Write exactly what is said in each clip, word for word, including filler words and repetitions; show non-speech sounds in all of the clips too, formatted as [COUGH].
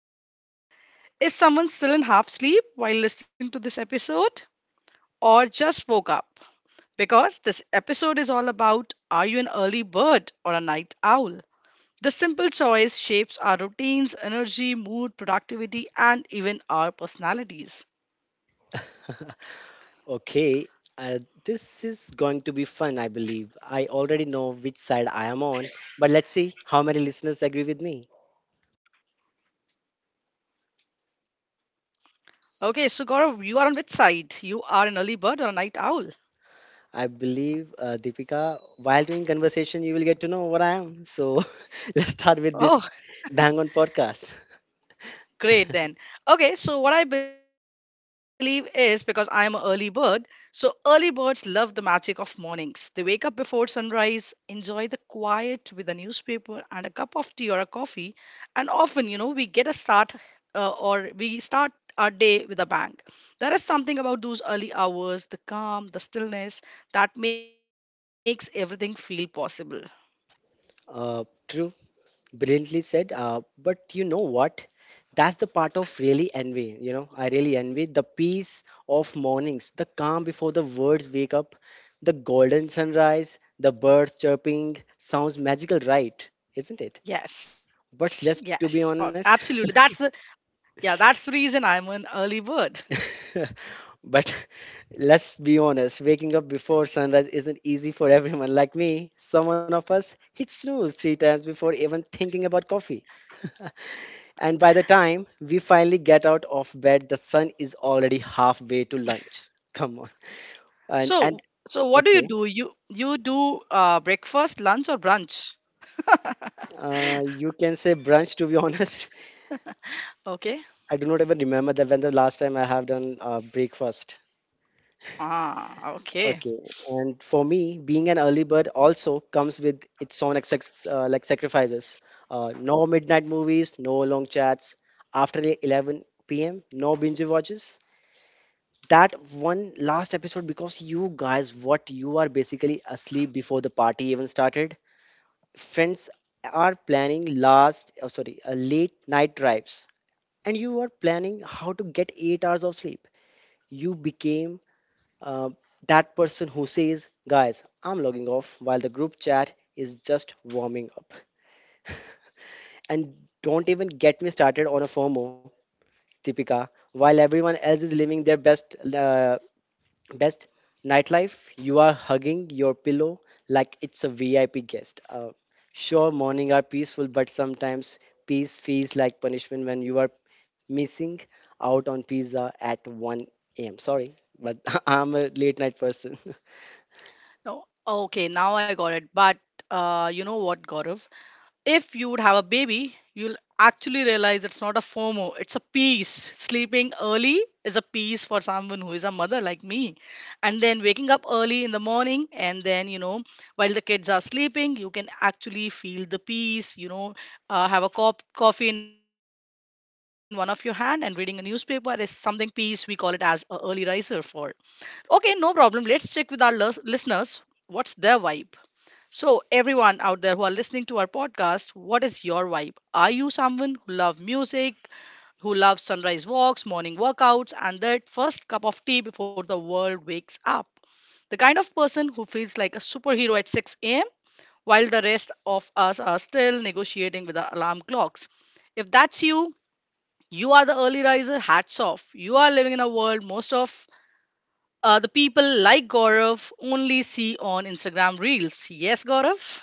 right. Is someone still in half sleep while listening to this episode, or just woke up? Because this episode is all about are you an early bird or a night owl? The simple choice shapes our routines, energy, mood, productivity, and even our personalities. [LAUGHS] Okay, uh, this is going to be fun, I believe. I already know which side I am on, but let's see how many listeners agree with me. Okay, so Gaurav, you are on which side? You are an early bird or a night owl? I believe, uh, Deepika, while doing conversation, you will get to know what I am. So [LAUGHS] let's start Oh. with this Bang On podcast. Great then. Okay, so what I believe is because I am an early bird, so early birds love the magic of mornings. They wake up before sunrise, enjoy the quiet with a newspaper and a cup of tea or a coffee, and often, you know, we get a start uh, or we start our day with a bang. There is something about those early hours, the calm, the stillness that makes everything feel possible. Uh, true. Brilliantly said. Uh, but you know what? That's the part of really envy. You know, I really envy the peace of mornings, the calm before the birds wake up, the golden sunrise, the birds chirping. Sounds magical, right? Isn't it? Yes, But yes, let's uh, to be absolutely. honest, That's the yeah, that's the reason I'm an early bird. [LAUGHS] but let's be honest, waking up before sunrise isn't easy for everyone like me. Someone of us hit snooze three times before even thinking about coffee. And by the time we finally get out of bed, the sun is already halfway to lunch. Come on. So, And and so what do you do? okay, You you do uh, breakfast, lunch, or brunch? [LAUGHS] uh, you can say brunch to be honest. Okay. [LAUGHS] I do not even remember that when the last time I have done uh, breakfast. Ah, okay. Okay, and for me, being an early bird also comes with its own ex- uh, like sacrifices. Uh, no midnight movies, no long chats after eleven p m. No binge watches, that one last episode because you guys what you are basically asleep before the party even started. Friends are planning last oh, sorry uh, late night drives, and you are planning how to get eight hours of sleep. You became uh, that person who says, "Guys, I'm logging off," while the group chat is just warming up. And don't even get me started on a FOMO, Tipika. While everyone else is living their best uh, Best nightlife, you are hugging your pillow like it's a V I P guest. Uh, sure, morning are peaceful, but sometimes peace feels like punishment when you are missing out on pizza at one a m. Sorry, but [LAUGHS] I'm a late night person. [LAUGHS] No, okay. Now I got it. But uh, you know what, Gaurav? If you would have a baby, you'll actually realize it's not a FOMO, it's a peace. Sleeping early is a peace for someone who is a mother like me. And then waking up early in the morning, and then, you know, while the kids are sleeping, you can actually feel the peace, you know, uh, have a cop- coffee in one of your hand and reading a newspaper is something peace. We call it as a early riser for. Okay, no problem. Let's check with our lis- listeners what's their vibe. So, everyone out there who are listening to our podcast, what is your vibe? Are you someone who loves music, who loves sunrise walks, morning workouts, and that first cup of tea before the world wakes up? The kind of person who feels like a superhero at six a m while the rest of us are still negotiating with the alarm clocks. If that's you, you are the early riser, hats off. You are living in a world most of uh, the people like Gaurav only see on Instagram Reels. Yes, Gaurav?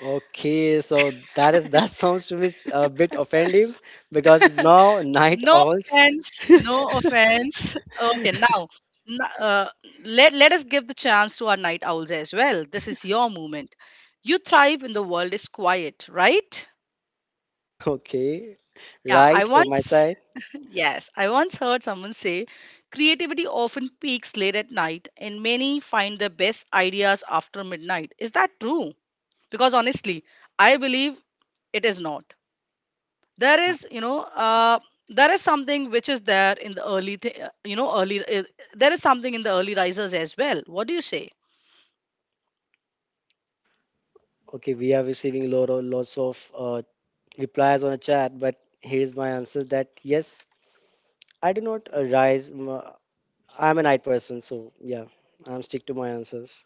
Okay, so that is that [LAUGHS] sounds to me s- a bit offensive because now night No owls. offense, no offense. Okay, now n- uh, let let us give the chance to our night owls as well. This is your moment. You thrive when the world is quiet, right? [LAUGHS] Okay, Yeah, I right from my once side. [LAUGHS] yes, I once heard someone say creativity often peaks late at night and many find their best ideas after midnight. Is that true? Because honestly, I believe it is not. There is you know uh, there is something which is there in the early th- you know early uh, there is something in the early risers as well, what do you say? Okay, we are receiving lot of, lots of uh, replies on a chat, but here's my answer that yes, I do not uh, rise. m- I'm a night person, so yeah, I'm stick to my answers.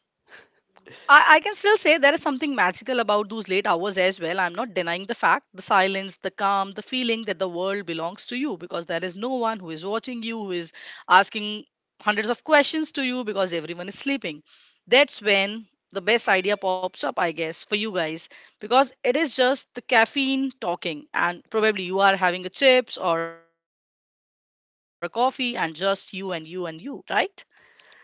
I, I can still say there is something magical about those late hours as well. I'm not denying the fact, the silence, the calm, the feeling that the world belongs to you because there is no one who is watching you, who is asking hundreds of questions to you because everyone is sleeping. That's when the best idea pops up, I guess, for you guys because it is just the caffeine talking, and probably you are having a chips or a coffee and just you and you and you, right?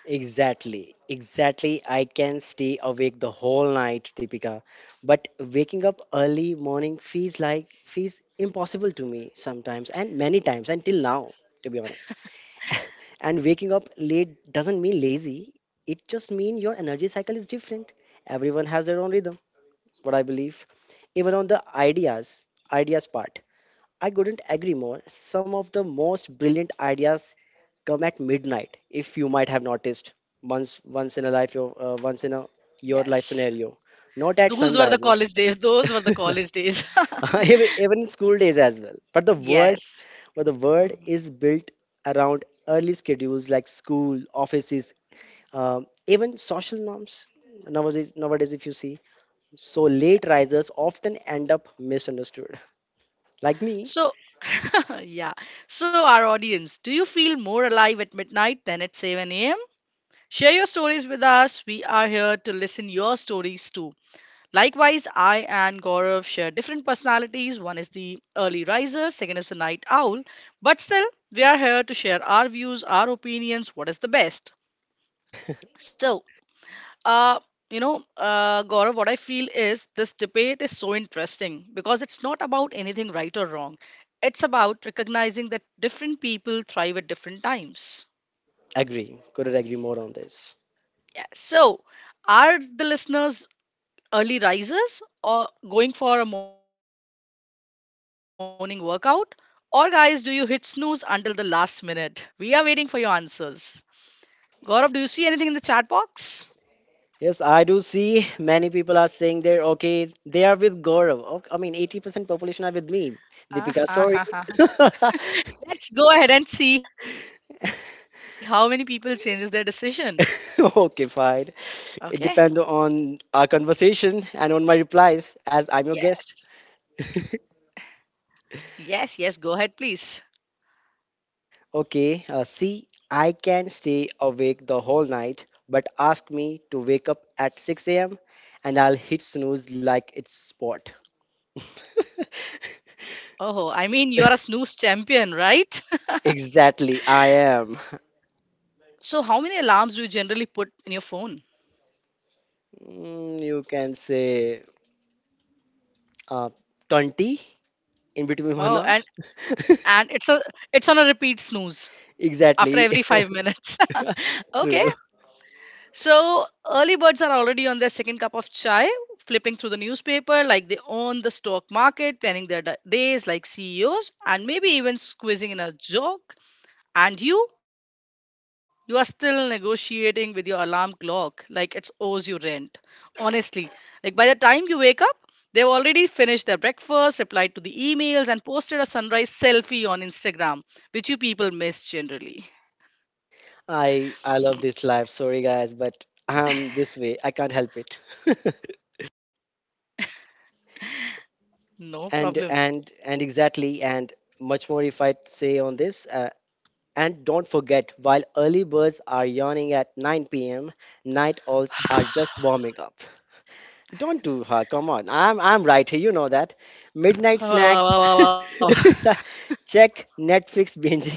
Exactly, exactly. I can stay awake the whole night, Deepika, but waking up early morning feels like feels impossible to me sometimes, and many times until now, to be honest. And waking up late doesn't mean lazy. It just means your energy cycle is different. Everyone has their own rhythm. What I believe. Even on the ideas, ideas part, I couldn't agree more. Some of the most brilliant ideas come at midnight, if you might have noticed once once in a life your uh, once in a your life Yes. scenario, not at Those were the sunrises. college days. Those were the college days. [LAUGHS] [LAUGHS] even even in school days as well. But the world, Yes. but the world Mhm. is built around early schedules like school, offices, um, even social norms. Nowadays, nowadays, if you see, so late Yes. risers often end up misunderstood. Like me, So, [LAUGHS] yeah. So, our audience, do you feel more alive at midnight than at seven a m? Share your stories with us. We are here to listen your stories too. Likewise, I and Gaurav share different personalities. One is the early riser, second is the night owl. But still, we are here to share our views, our opinions, what is the best. So, uh you know uh gaurav what I feel is this debate is so interesting because it's not about anything right or wrong, it's about recognizing that different people thrive at different times. agree. Couldn't agree more on this. Yeah. So are the listeners early risers or going for a morning workout, or guys, do you hit snooze until the last minute? We are waiting for your answers. Gaurav, do you see anything in the chat box? Yes, I do see many people are saying they're okay. They are with Gaurav. Ok- I mean, eighty percent population are with me. Ah, ha, Deepika, ha, ha, sorry. ha. [LAUGHS] Let's go ahead and see how many people changes their decision. Okay, fine. Okay. It depends on our conversation and on my replies as I'm your Yes. guest. Yes, yes, go ahead, please. Okay, uh, see, I can stay awake the whole night, but ask me to wake up at six a m and I'll hit snooze like it's sport. [LAUGHS] Oh, I mean, you are a snooze champion, right? [LAUGHS] Exactly, I am. So, how many alarms do you generally put in your phone? Mm, you can say uh, twenty in between Oh, one hour. and [LAUGHS] and it's a it's on a repeat snooze after Exactly. every five minutes. [LAUGHS] [LAUGHS] Okay. True. So early birds are already on their second cup of chai, flipping through the newspaper like they own the stock market, planning their da- days like C E Os, and maybe even squeezing in a joke. And you? You are still negotiating with your alarm clock like it owes you rent. Honestly, like by the time you wake up, they've already finished their breakfast, replied to the emails, and posted a sunrise selfie on Instagram, which you people miss generally. I I love this life. Sorry guys, but I'm this way. I can't help it. [LAUGHS] No problem. And and and exactly, and much more if I say on this. Uh, and don't forget, while early birds are yawning at nine p m, night owls are just warming up. Don't do her. Come on. I'm I'm right here. You know that. [SIGHS] Midnight snacks. [LAUGHS] [LAUGHS] Check. Netflix binge.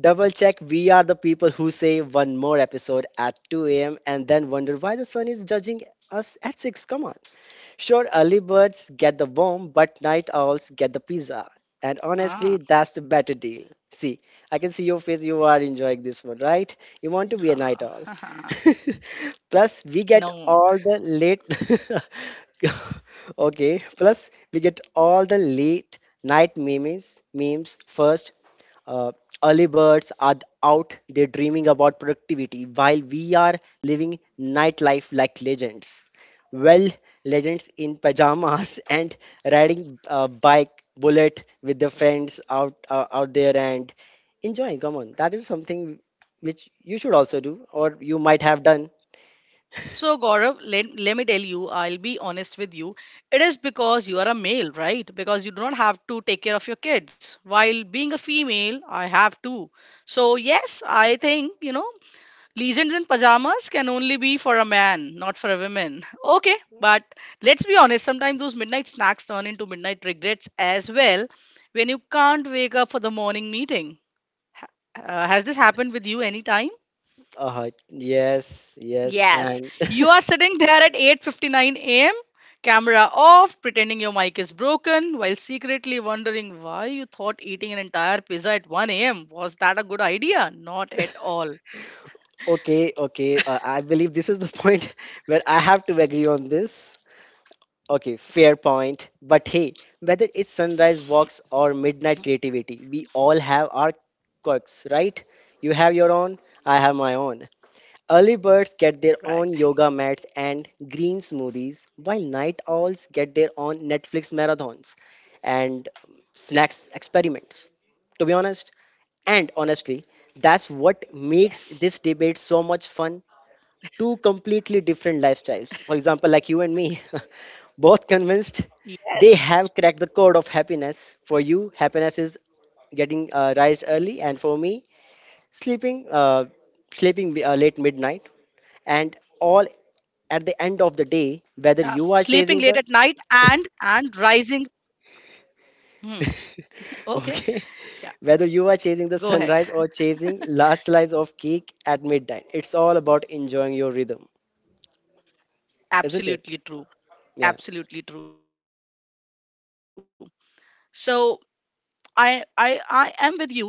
Double check. We are the people who say one more episode at two a m and then wonder why the sun is judging us at six. Come on. Sure, early birds get the worm, but night owls get the pizza. And honestly, Ah. that's the better deal. See, I can see your face, you are enjoying this one, right? You want to be a night owl. [LAUGHS] [LAUGHS] Plus, we get No. all the late. [LAUGHS] Okay, plus, we get all the late night memes, memes first. uh, Early birds are out there dreaming about productivity while we are living nightlife like legends. Well, legends in pajamas [LAUGHS] and riding a bike bullet with their friends out uh, out there and enjoying. Come on, that is something which you should also do or you might have done. So, Gaurav, let, let me tell you, I'll be honest with you. It is because you are a male, right? Because you do not have to take care of your kids. While being a female, I have to. So, yes, I think, you know, legends in pajamas can only be for a man, not for a woman. [LAUGHS] Okay, but let's be honest, sometimes those midnight snacks turn into midnight regrets as well when you can't wake up for the morning meeting. Ha- Uh, has this happened with you anytime? Uh, yes, yes, Yes, and you are sitting there at eight fifty-nine a m, camera off, pretending your mic is broken while secretly wondering why you thought eating an entire pizza at one a m was that a good idea? Not at all. [LAUGHS] okay, okay. Uh, I believe this is the point [LAUGHS] where I have to agree on this. Okay, fair point. But hey, whether it's sunrise walks or midnight creativity, we all have our quirks, right? You have your own, I have my own. Early birds Right. get their own yoga mats and green smoothies, while night owls get their own Netflix marathons and um, snacks experiments. To be honest, and honestly, Yes. that's what makes this debate so much fun. Two completely different lifestyles. For example, like you and me, [LAUGHS] both convinced Yes. they have cracked the code of happiness. For you, happiness is getting uh, rise early, and for me, sleeping uh, sleeping uh, late midnight. And all Yeah. at the end Sleeping of the late at day, night whether and you are chasing and the rising. Hmm. Okay. [LAUGHS] Yeah. okay, whether you Go are ahead. chasing the sunrise or chasing last slice of cake at midnight, it's all about enjoying your rhythm, isn't Absolutely it? true. Yeah. Absolutely true. So I I I am with you, but here's a real question.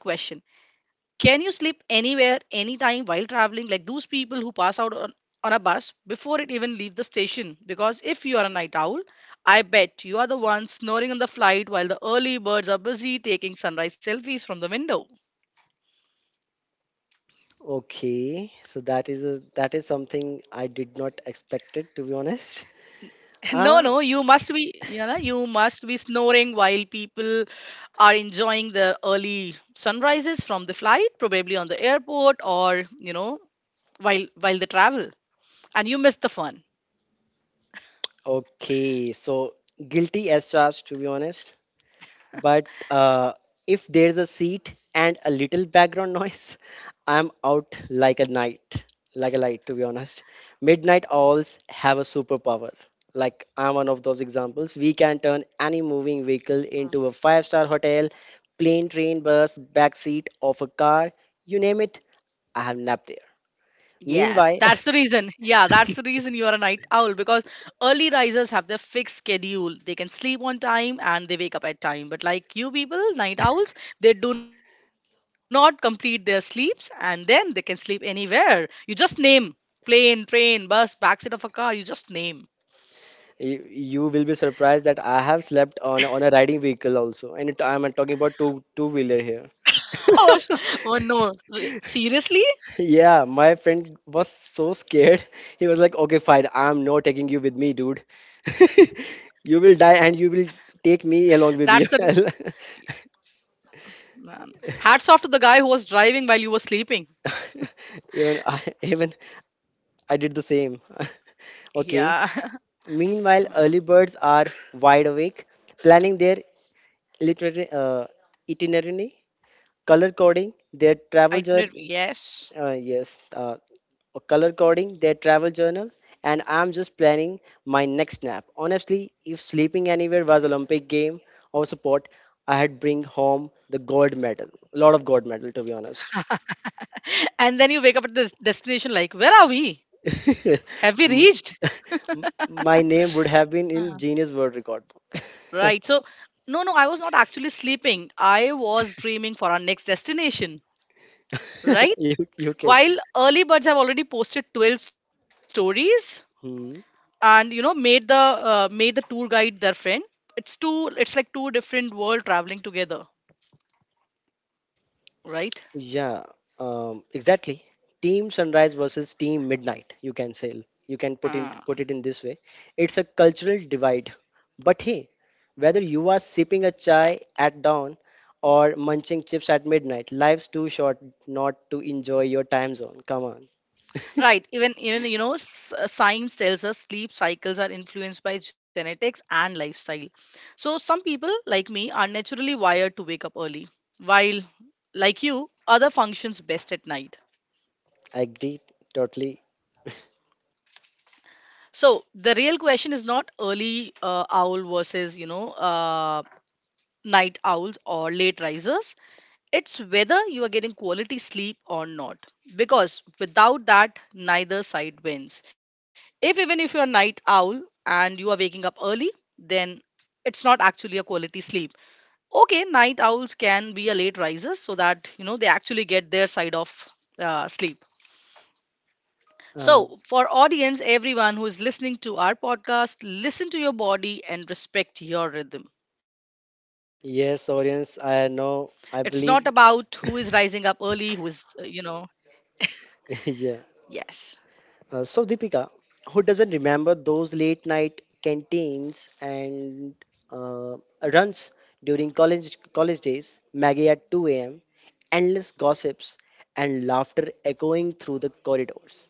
Can you sleep anywhere, anytime while traveling? Like those people who pass out on, on a bus before it even leaves the station. Because if you are a night owl, I bet you are the one snoring on the flight while the early birds are busy taking sunrise selfies from the window. [LAUGHS] Okay, so that is a that is something I did not expect it to be honest. [LAUGHS] No, Ah, no, you must be, you know, you must be snoring while people are enjoying the early sunrises from the flight, probably on the airport or, you know, while while they travel. And you miss the fun. okay, so guilty as charged to be honest. But uh, if there's a seat and a little background noise, [LAUGHS] I'm out like a night, like a light to be honest. Midnight owls have a superpower. Like I'm one of those examples. We can turn any moving vehicle into a five star hotel: plane, train, bus, backseat of a car, you name it. I have napped there. Yes, Meanwhile, that's the reason. Yeah, that's the reason you are a night owl because early risers have their fixed schedule. They can sleep on time and they wake up at time. But like you people, night owls, they do not complete their sleeps and then they can sleep anywhere. You just name plane, train, bus, backseat of a car. You just name. [LAUGHS] [LAUGHS] you, you will be surprised that I have slept on on a riding vehicle also, and it, I'm talking about two two wheeler here. [LAUGHS] Oh, sh- oh no. R- Seriously? Yeah, my friend was so scared. [LAUGHS] He was like, "Okay, fine. I'm not taking you with me, dude. [LAUGHS] You will die, and you will take That's the me along with you." [LAUGHS] man. Hats off to the guy who was driving while you were sleeping. Even I, even I did the same. [LAUGHS] Okay. Yeah. [LAUGHS] Meanwhile, Hmm. early birds are wide awake, planning their literary uh, itinerary, color coding Itinerary, their travel yes. journal. uh, yes uh, color coding their travel journal, and I'm just planning my next nap honestly. If sleeping anywhere was olympic game or sport, I had bring home the gold medal, a lot of gold medal to be honest. [LAUGHS] And then you wake up at this destination like, where are we, [LAUGHS] have we M- reached? [LAUGHS] my name would have been in Uh, genius world record [LAUGHS] right. So no no I was not actually sleeping, I was dreaming for our next destination, book. [LAUGHS] right? you, you can. While early birds have already posted twelve stories Hmm. and you know made the uh, made the tour guide their friend, it's two it's like two different world traveling together, right? Yeah, um, exactly. Team Sunrise versus Team Midnight, you can say. You can put in put it in this way. It's a cultural divide. But hey, whether you are sipping a chai at dawn or munching chips at midnight, life's too short not to enjoy your time zone. Come on. Right. Even even you know, s- uh, science tells us sleep cycles are influenced by genetics and lifestyle. So some people like me are naturally wired to wake up early, while like you, other functions best at night. I agree totally. So the real question is not early uh, owl versus you know uh, night owls or late risers. It's whether you are getting quality sleep or not. Because without that, neither side wins. If even if you're a night owl and you are waking up early, then it's not actually a quality sleep. Okay, night owls can be a late risers so that you know they actually get their side of uh, sleep. Uh, So, for audience, everyone who is listening to our podcast, listen to your body and respect your rhythm. It's not about yes, who is audience, rising up I early, know. who I is, uh, you believe. know, yes. [LAUGHS] Yeah. Uh, so, Deepika, who doesn't remember those late night canteens and uh, runs during college college days, Maggie at two a m, endless gossips and laughter echoing through the corridors?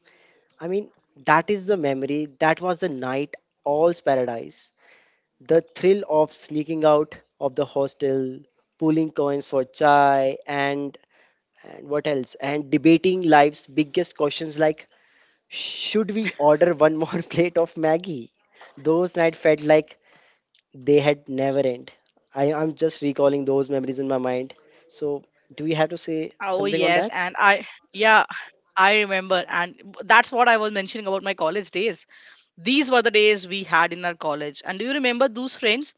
I mean, that is the memory. That was the night, all's paradise. The thrill of sneaking out of the hostel, pulling coins for chai, and and what else? And debating life's biggest questions like should we order one more [LAUGHS] plate of Maggie? Those nights felt like they had never end. I am just recalling those memories in my mind. So, do we have to say Oh something yes, on and that? I yeah, I remember and that's what I was mentioning about my college days. These were the days we had in our college. And do you remember those friends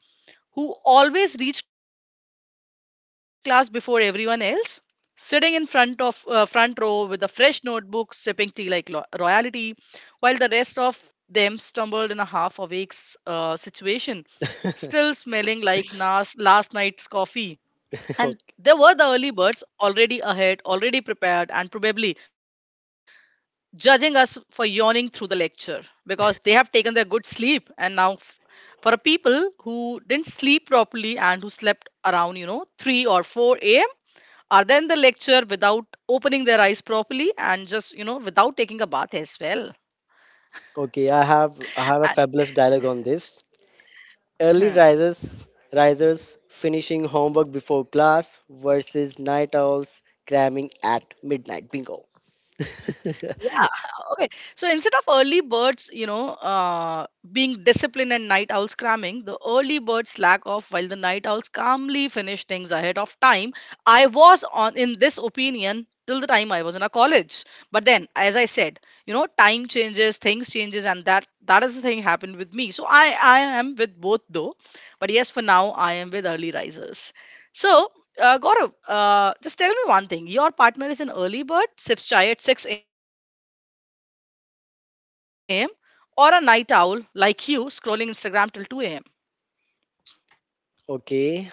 who always reached class before everyone else, sitting in front of uh, front row with a fresh notebook, sipping tea like lo- royalty, while the rest of them stumbled in a half awake s- uh, situation, still smelling like [LAUGHS] nas- last night's coffee. And there were the okay, early birds already ahead, already prepared, and probably judging us for yawning through the lecture because they have taken their good sleep. And now, f- for a people who didn't sleep properly and who slept around, you know, three or four a m, are then the lecture without opening their eyes properly and just, you know, without taking a bath as well. okay, I have And, I have a fabulous dialogue on this. huh. Early risers risers finishing homework before class versus night owls cramming at midnight. Bingo. [LAUGHS] Yeah. Okay. So instead of early birds, you know, uh, being disciplined and night owls cramming, the early birds slack off while the night owls calmly finish things ahead of time. I was on in this opinion till the time I was in a college. But then, as I said, you know, time changes, things changes, and that that is the thing happened with me. So I I am with both though, but yes, for now I am with early risers. So. Uh, Gaurav, uh, just tell me one thing. Your partner is an early bird, sips chai at six a.m or a night owl like you scrolling Instagram till two a m. Okay,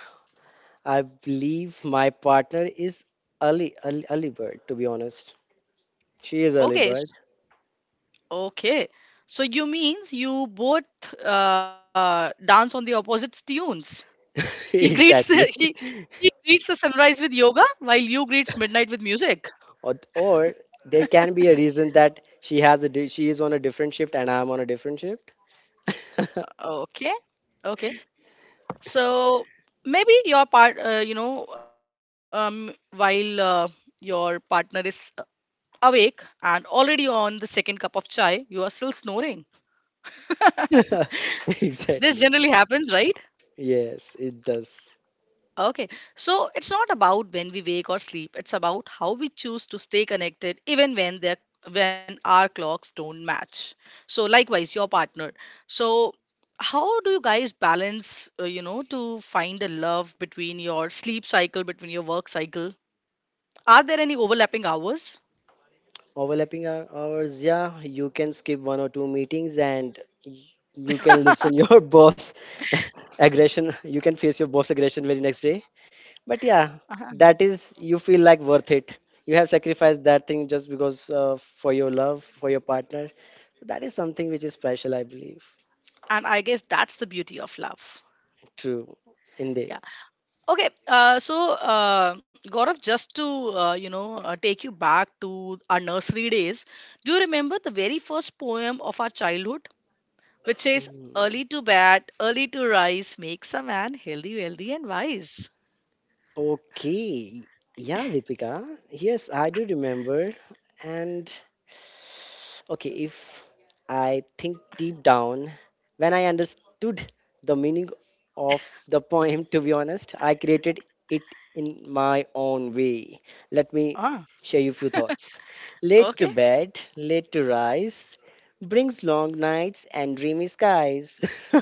I believe my partner is early, early, early bird, to be honest. She is Okay, early s- bird. okay. So you means you both uh, dance on the opposite tunes. He [LAUGHS] greets the [LAUGHS] he, Exactly. he greets the sunrise with yoga while you greets midnight with music. Or, or there can be a reason that she has a di- she is on a different shift and I'm on a different shift. [LAUGHS] Okay, okay. So maybe your part, uh, you know, um, while uh, your partner is uh, awake and already on the second cup of chai, you are still snoring. This generally Exactly. happens, right? Yes, it does. Okay, so it's not about when we wake or sleep. It's about how we choose to stay connected, even when they when our clocks don't match. So likewise, your partner. So how do you guys balance, uh, you know, to find a love between your sleep cycle, between your work cycle? Are there any overlapping hours? Overlapping hou- hours, yeah, you can skip one or two meetings and y- you can listen your [LAUGHS] boss [LAUGHS] aggression. You can face your boss aggression very next. But yeah, Uh-huh. that is you feel like worth it. You have sacrificed that thing just because uh, for your love, for your partner. That is something which is special, I believe. And I guess that's the beauty of love. True, indeed. Yeah. Okay, uh, so uh, Gaurav, just to uh, you know uh, take you back to our nursery days, do you remember the very first poem of our childhood, which says, Mm, "Early to bed, early to rise, makes a man healthy, wealthy, and wise." okay. Yeah, Deepika. Yes, I do remember. And okay, if I think deep down, when I understood the meaning of the poem, to be honest, I created it in my own way. Let me Ah, share you a few thoughts. Late to okay. bed, late to rise, brings long nights and dreamy skies. [LAUGHS]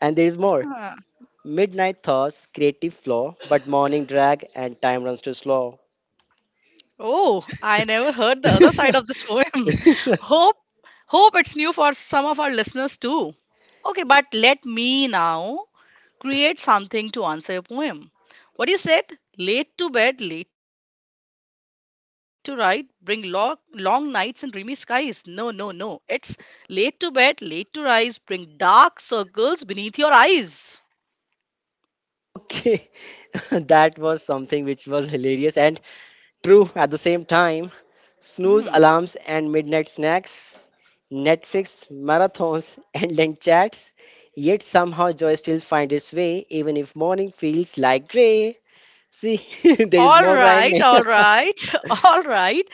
And there is more. [LAUGHS] Midnight thoughts, creative flaw, but morning drag and time runs too slow. Oh, I never heard the other side of [LAUGHS] this poem. [LAUGHS] Hope, hope it's new for some of our listeners too. Okay, but let me now create something to answer your poem. What you said? Late to bed, late to ride, bring long, long nights and dreamy skies. No, no, no. It's late to bed, late to rise, bring dark circles beneath your eyes. Okay, [LAUGHS] that was something which was hilarious and true at the same time. Snooze Hmm. alarms and midnight snacks, Netflix marathons [LAUGHS] and link chats. Yet somehow joy still finds its way, even if morning feels like gray. See, [LAUGHS] there is All more right, rhyming. all [LAUGHS] right, [LAUGHS] all right.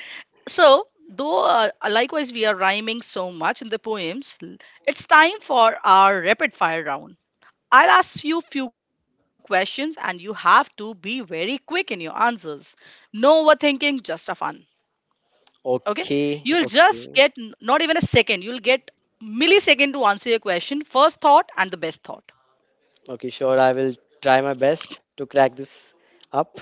So, though uh, likewise we are rhyming so much in the poems, l- it's time for our rapid fire round. I'll ask you few questions and you have to be very quick in your answers. No overthinking, just a fun. Okay? You'll okay, just get okay, n- not even a second. You'll get millisecond to answer your question. First thought and the best thought. okay. Sure, I will try my best to crack this up.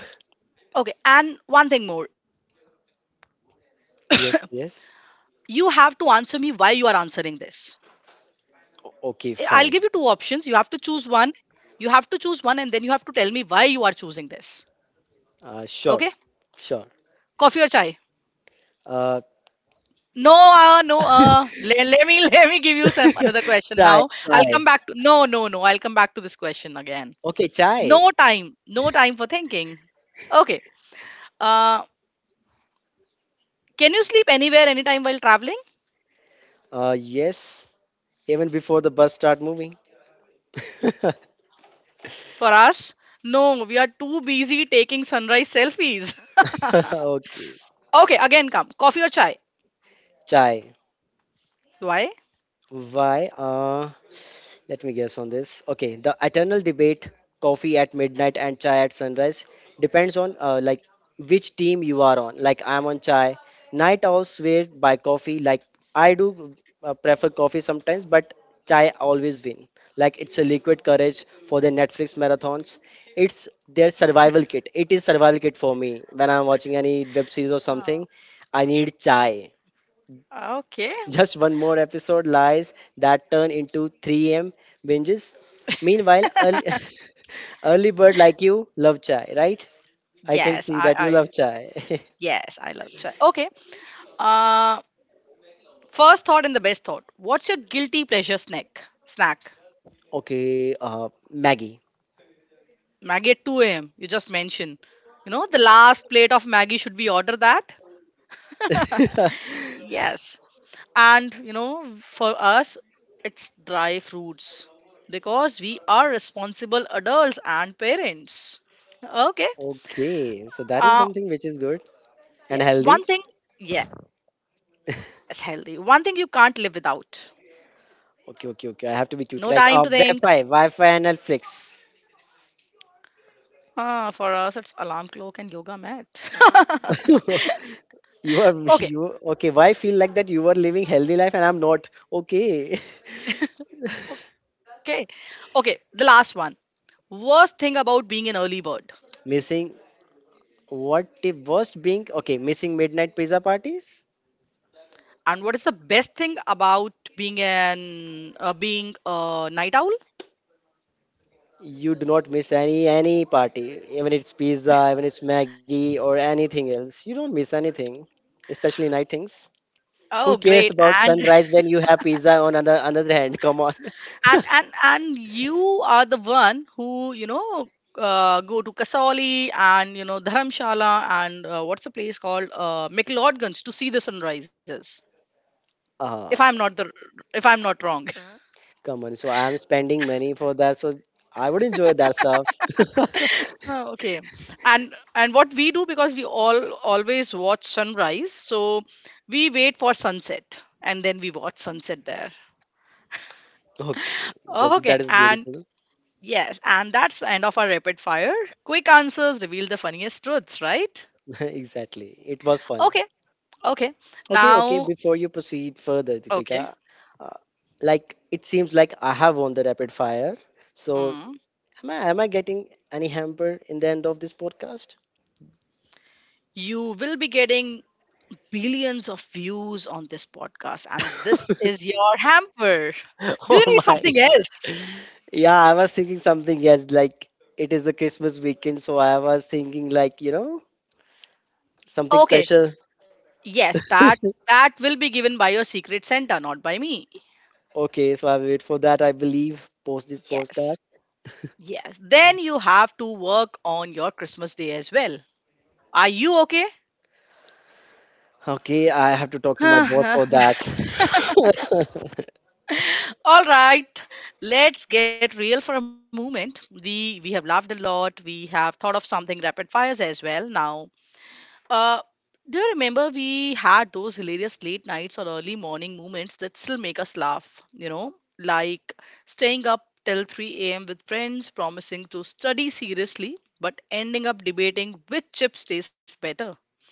Okay, and one thing more. [COUGHS] You have Yes, to answer yes. me why you are answering this. I'll give O- you two Okay, options. You have fine. to choose one. You have to choose one, and then you have to tell me why you are choosing this. Uh, Okay? sure, sure. Coffee or chai? Uh, No, uh, no. [LAUGHS] Uh, le- let me [LAUGHS] let me give you some another [LAUGHS] question Chai, now. I'll chai. come back to, no, no, no, I'll come back to this question again. Okay, chai. No time, no time for thinking. Okay. Uh, can you sleep anywhere, anytime while traveling? Uh, yes, even before the bus start moving. [LAUGHS] For us, no. We are too busy taking sunrise selfies. [LAUGHS] Okay, Okay. Again, come. Coffee or chai? chai. Why? Why? Uh, Let me guess on this. Okay, the eternal debate, coffee at midnight and chai at sunrise, depends on uh, like which team you are on. Like I'm on chai. Night owls swear by coffee. Like I do uh, prefer coffee sometimes, but chai always win. Like it's a liquid courage for the Netflix marathons. It's their survival kit. It is survival kit for me when I'm watching any web series or Ah. something. I need chai Okay. just one more episode lies that turn into three a m binges. Meanwhile, early, [LAUGHS] early bird like you love chai, right? I can Yes, see I, that you I love chai. yes, I love chai. Okay. Uh first thought and the best thought. What's your guilty pleasure snack? Snack. [LAUGHS] Okay, uh, Maggie. Maggie at two a m. You just mentioned. You know, the last plate of Maggie, should we order that? [LAUGHS] Yes. And you know, for us, it's dry fruits. Because we are responsible adults and parents. Okay. Okay, so that is Uh something which is good and yes. healthy. One thing yes, healthy. One thing you can't live without. Okay, okay, okay. No I have to time be to quick, right? think. Uh, Wi-Fi, Wi-Fi and Netflix. Ah, for us, it's alarm clock and yoga mat. [LAUGHS] [LAUGHS] You are Okay, you okay? Why feel like that? You are living healthy life and I'm not. Okay, okay, okay. The last one. Worst thing about being an early bird, [LAUGHS] missing what the worst being? Okay, missing midnight pizza parties. and what is the best thing about being an uh, being a night owl? You do not miss any any party, even it's pizza, even it's Maggie or anything else. You don't miss anything, especially night things. Who Oh, cares great! about And sunrise [LAUGHS] when you have pizza on another another hand? Come on. [LAUGHS] and and and you are the one who you know uh, go to Kasauli and you know Dharamshala and uh, what's the place called uh, McLeodganj to see the sunrises. If I'm Uh, not the if I'm not wrong. Come on. So I am spending money for that. So I would enjoy that stuff. [LAUGHS] Oh, okay. And and what we do because we all always watch sunrise, so we wait for sunset and then we watch sunset there. Okay, that, Okay, that is and beautiful. yes, and that's the end of our rapid fire. Quick answers reveal the funniest truths, right? [LAUGHS] Exactly. It was fun. Okay, okay. Okay, okay. Now, Before you proceed further, okay. Deepika, uh, like it seems like I have won the rapid fire. So Mm. am I am I getting any hamper in the end of this podcast? You will be getting billions of views on this podcast, and this is [LAUGHS] your hamper. Do Oh you need my. something else? Yeah, I was thinking something. Yes, like it is the Christmas weekend, so I was thinking like you know something Okay, special. yes, that that will be given by your secret Santa, not by me. Okay, so I will wait for that. I believe post this podcast. Yes. Yes. Then you have to work on your Christmas day as well. Are you okay? Okay, I have to talk [LAUGHS] to my boss All for that. [LAUGHS] right. Let's get real for a moment. We we have laughed a lot. We have thought of something rapid fires as well. Now, Uh, do you remember we had those hilarious late nights or early morning moments that still make us laugh? You know, like staying up till three a m with friends, promising to study seriously, but ending up debating which chips taste better.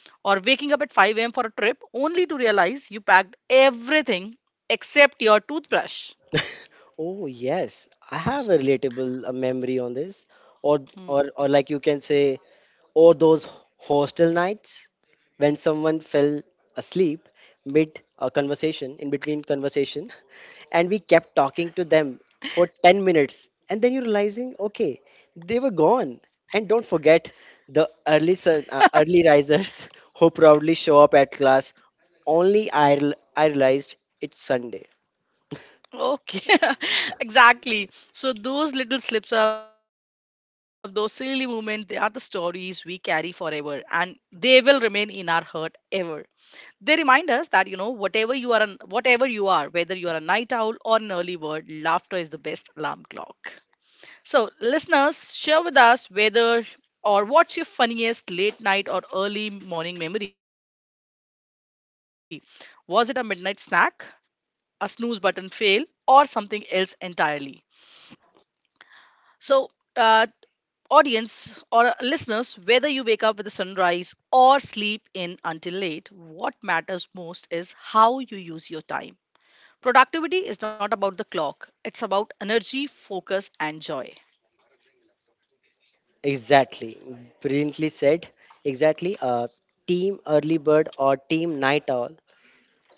Or waking up at five a m for a trip only to realize you packed everything except your toothbrush. [LAUGHS] Oh yes, I have a relatable uh, memory on this, or Hmm. or or like you can say, or those hostel nights when someone fell asleep mid a conversation, in between conversation, [LAUGHS] and we kept talking to them for ten minutes, and then you're realizing, okay, they were gone. And don't forget the early sun, uh, early risers [LAUGHS] who proudly show up at class. Only I, rel- I realized it's Sunday. Okay, [LAUGHS] exactly. So those little slips up, those silly moments, they are the stories we carry forever and they will remain in our heart ever. They remind us that you know whatever you are an, whatever you are, whether you are a night owl or an early bird, laughter is the best alarm clock. So listeners, share with us whether or what's your funniest late night or early morning memory. Was it a midnight snack, a snooze button fail, or something else entirely? So, uh, audience or uh, listeners, whether you wake up with the sunrise or sleep in until late, what matters most is how you use your time. Productivity is not about the clock, it's about energy, focus, and joy. Exactly, brilliantly said. Exactly, uh, team early bird or team night owl,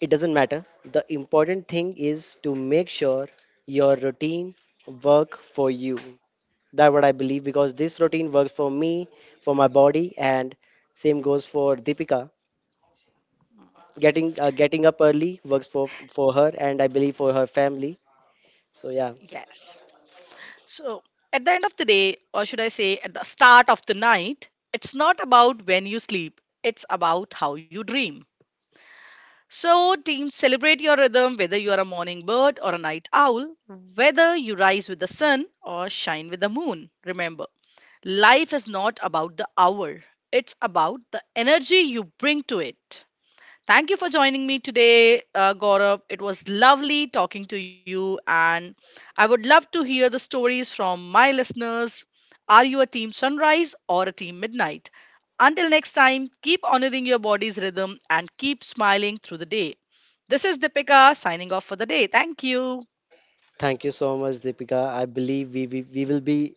it doesn't matter. The important thing is to make sure your routine work for you. That what I believe because this routine works for me, for my body, and same goes for Deepika. Getting uh, getting up early works for for her, and I believe for her family. So yeah, Yes. So, at the end of the day, or should I say at the start of the night, it's not about when you sleep, it's about how you dream. So, team, celebrate your rhythm whether you are a morning bird or a night owl, whether you rise with the sun or shine with the moon. Remember, life is not about the hour, it's about the energy you bring to it. Thank you for joining me today, uh, Gaurav. It was lovely talking to you, and I would love to hear the stories from my listeners. Are you a team sunrise or a team midnight? Until next time, keep honoring your body's rhythm and keep smiling through the day. This is Dipika signing off for the day. Thank you. thank you so much, Deepika. I believe we, we, we will be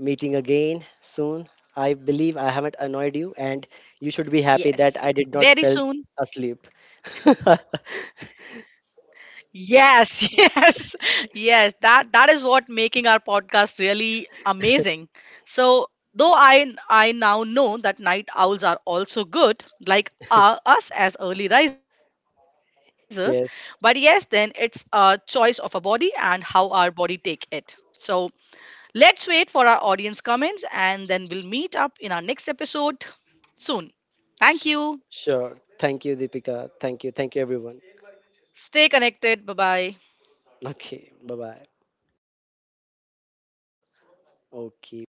meeting again soon. I believe I haven't annoyed you, Yes, and you very should be soon. happy that I did not fell asleep. [LAUGHS] Yes, [LAUGHS] yes, yes. That that is what making our podcast really amazing. So, though I I now know that night owls are also good, like uh, us as early risers, but yes, then it's a Yes, choice of a body and how our body take it. So, let's wait for our audience comments and then we'll meet up in our next episode soon. Thank you. sh- sure. Thank you, Deepika. Thank you. Thank you, everyone. Stay connected. Bye bye. Okay, bye bye. Okay.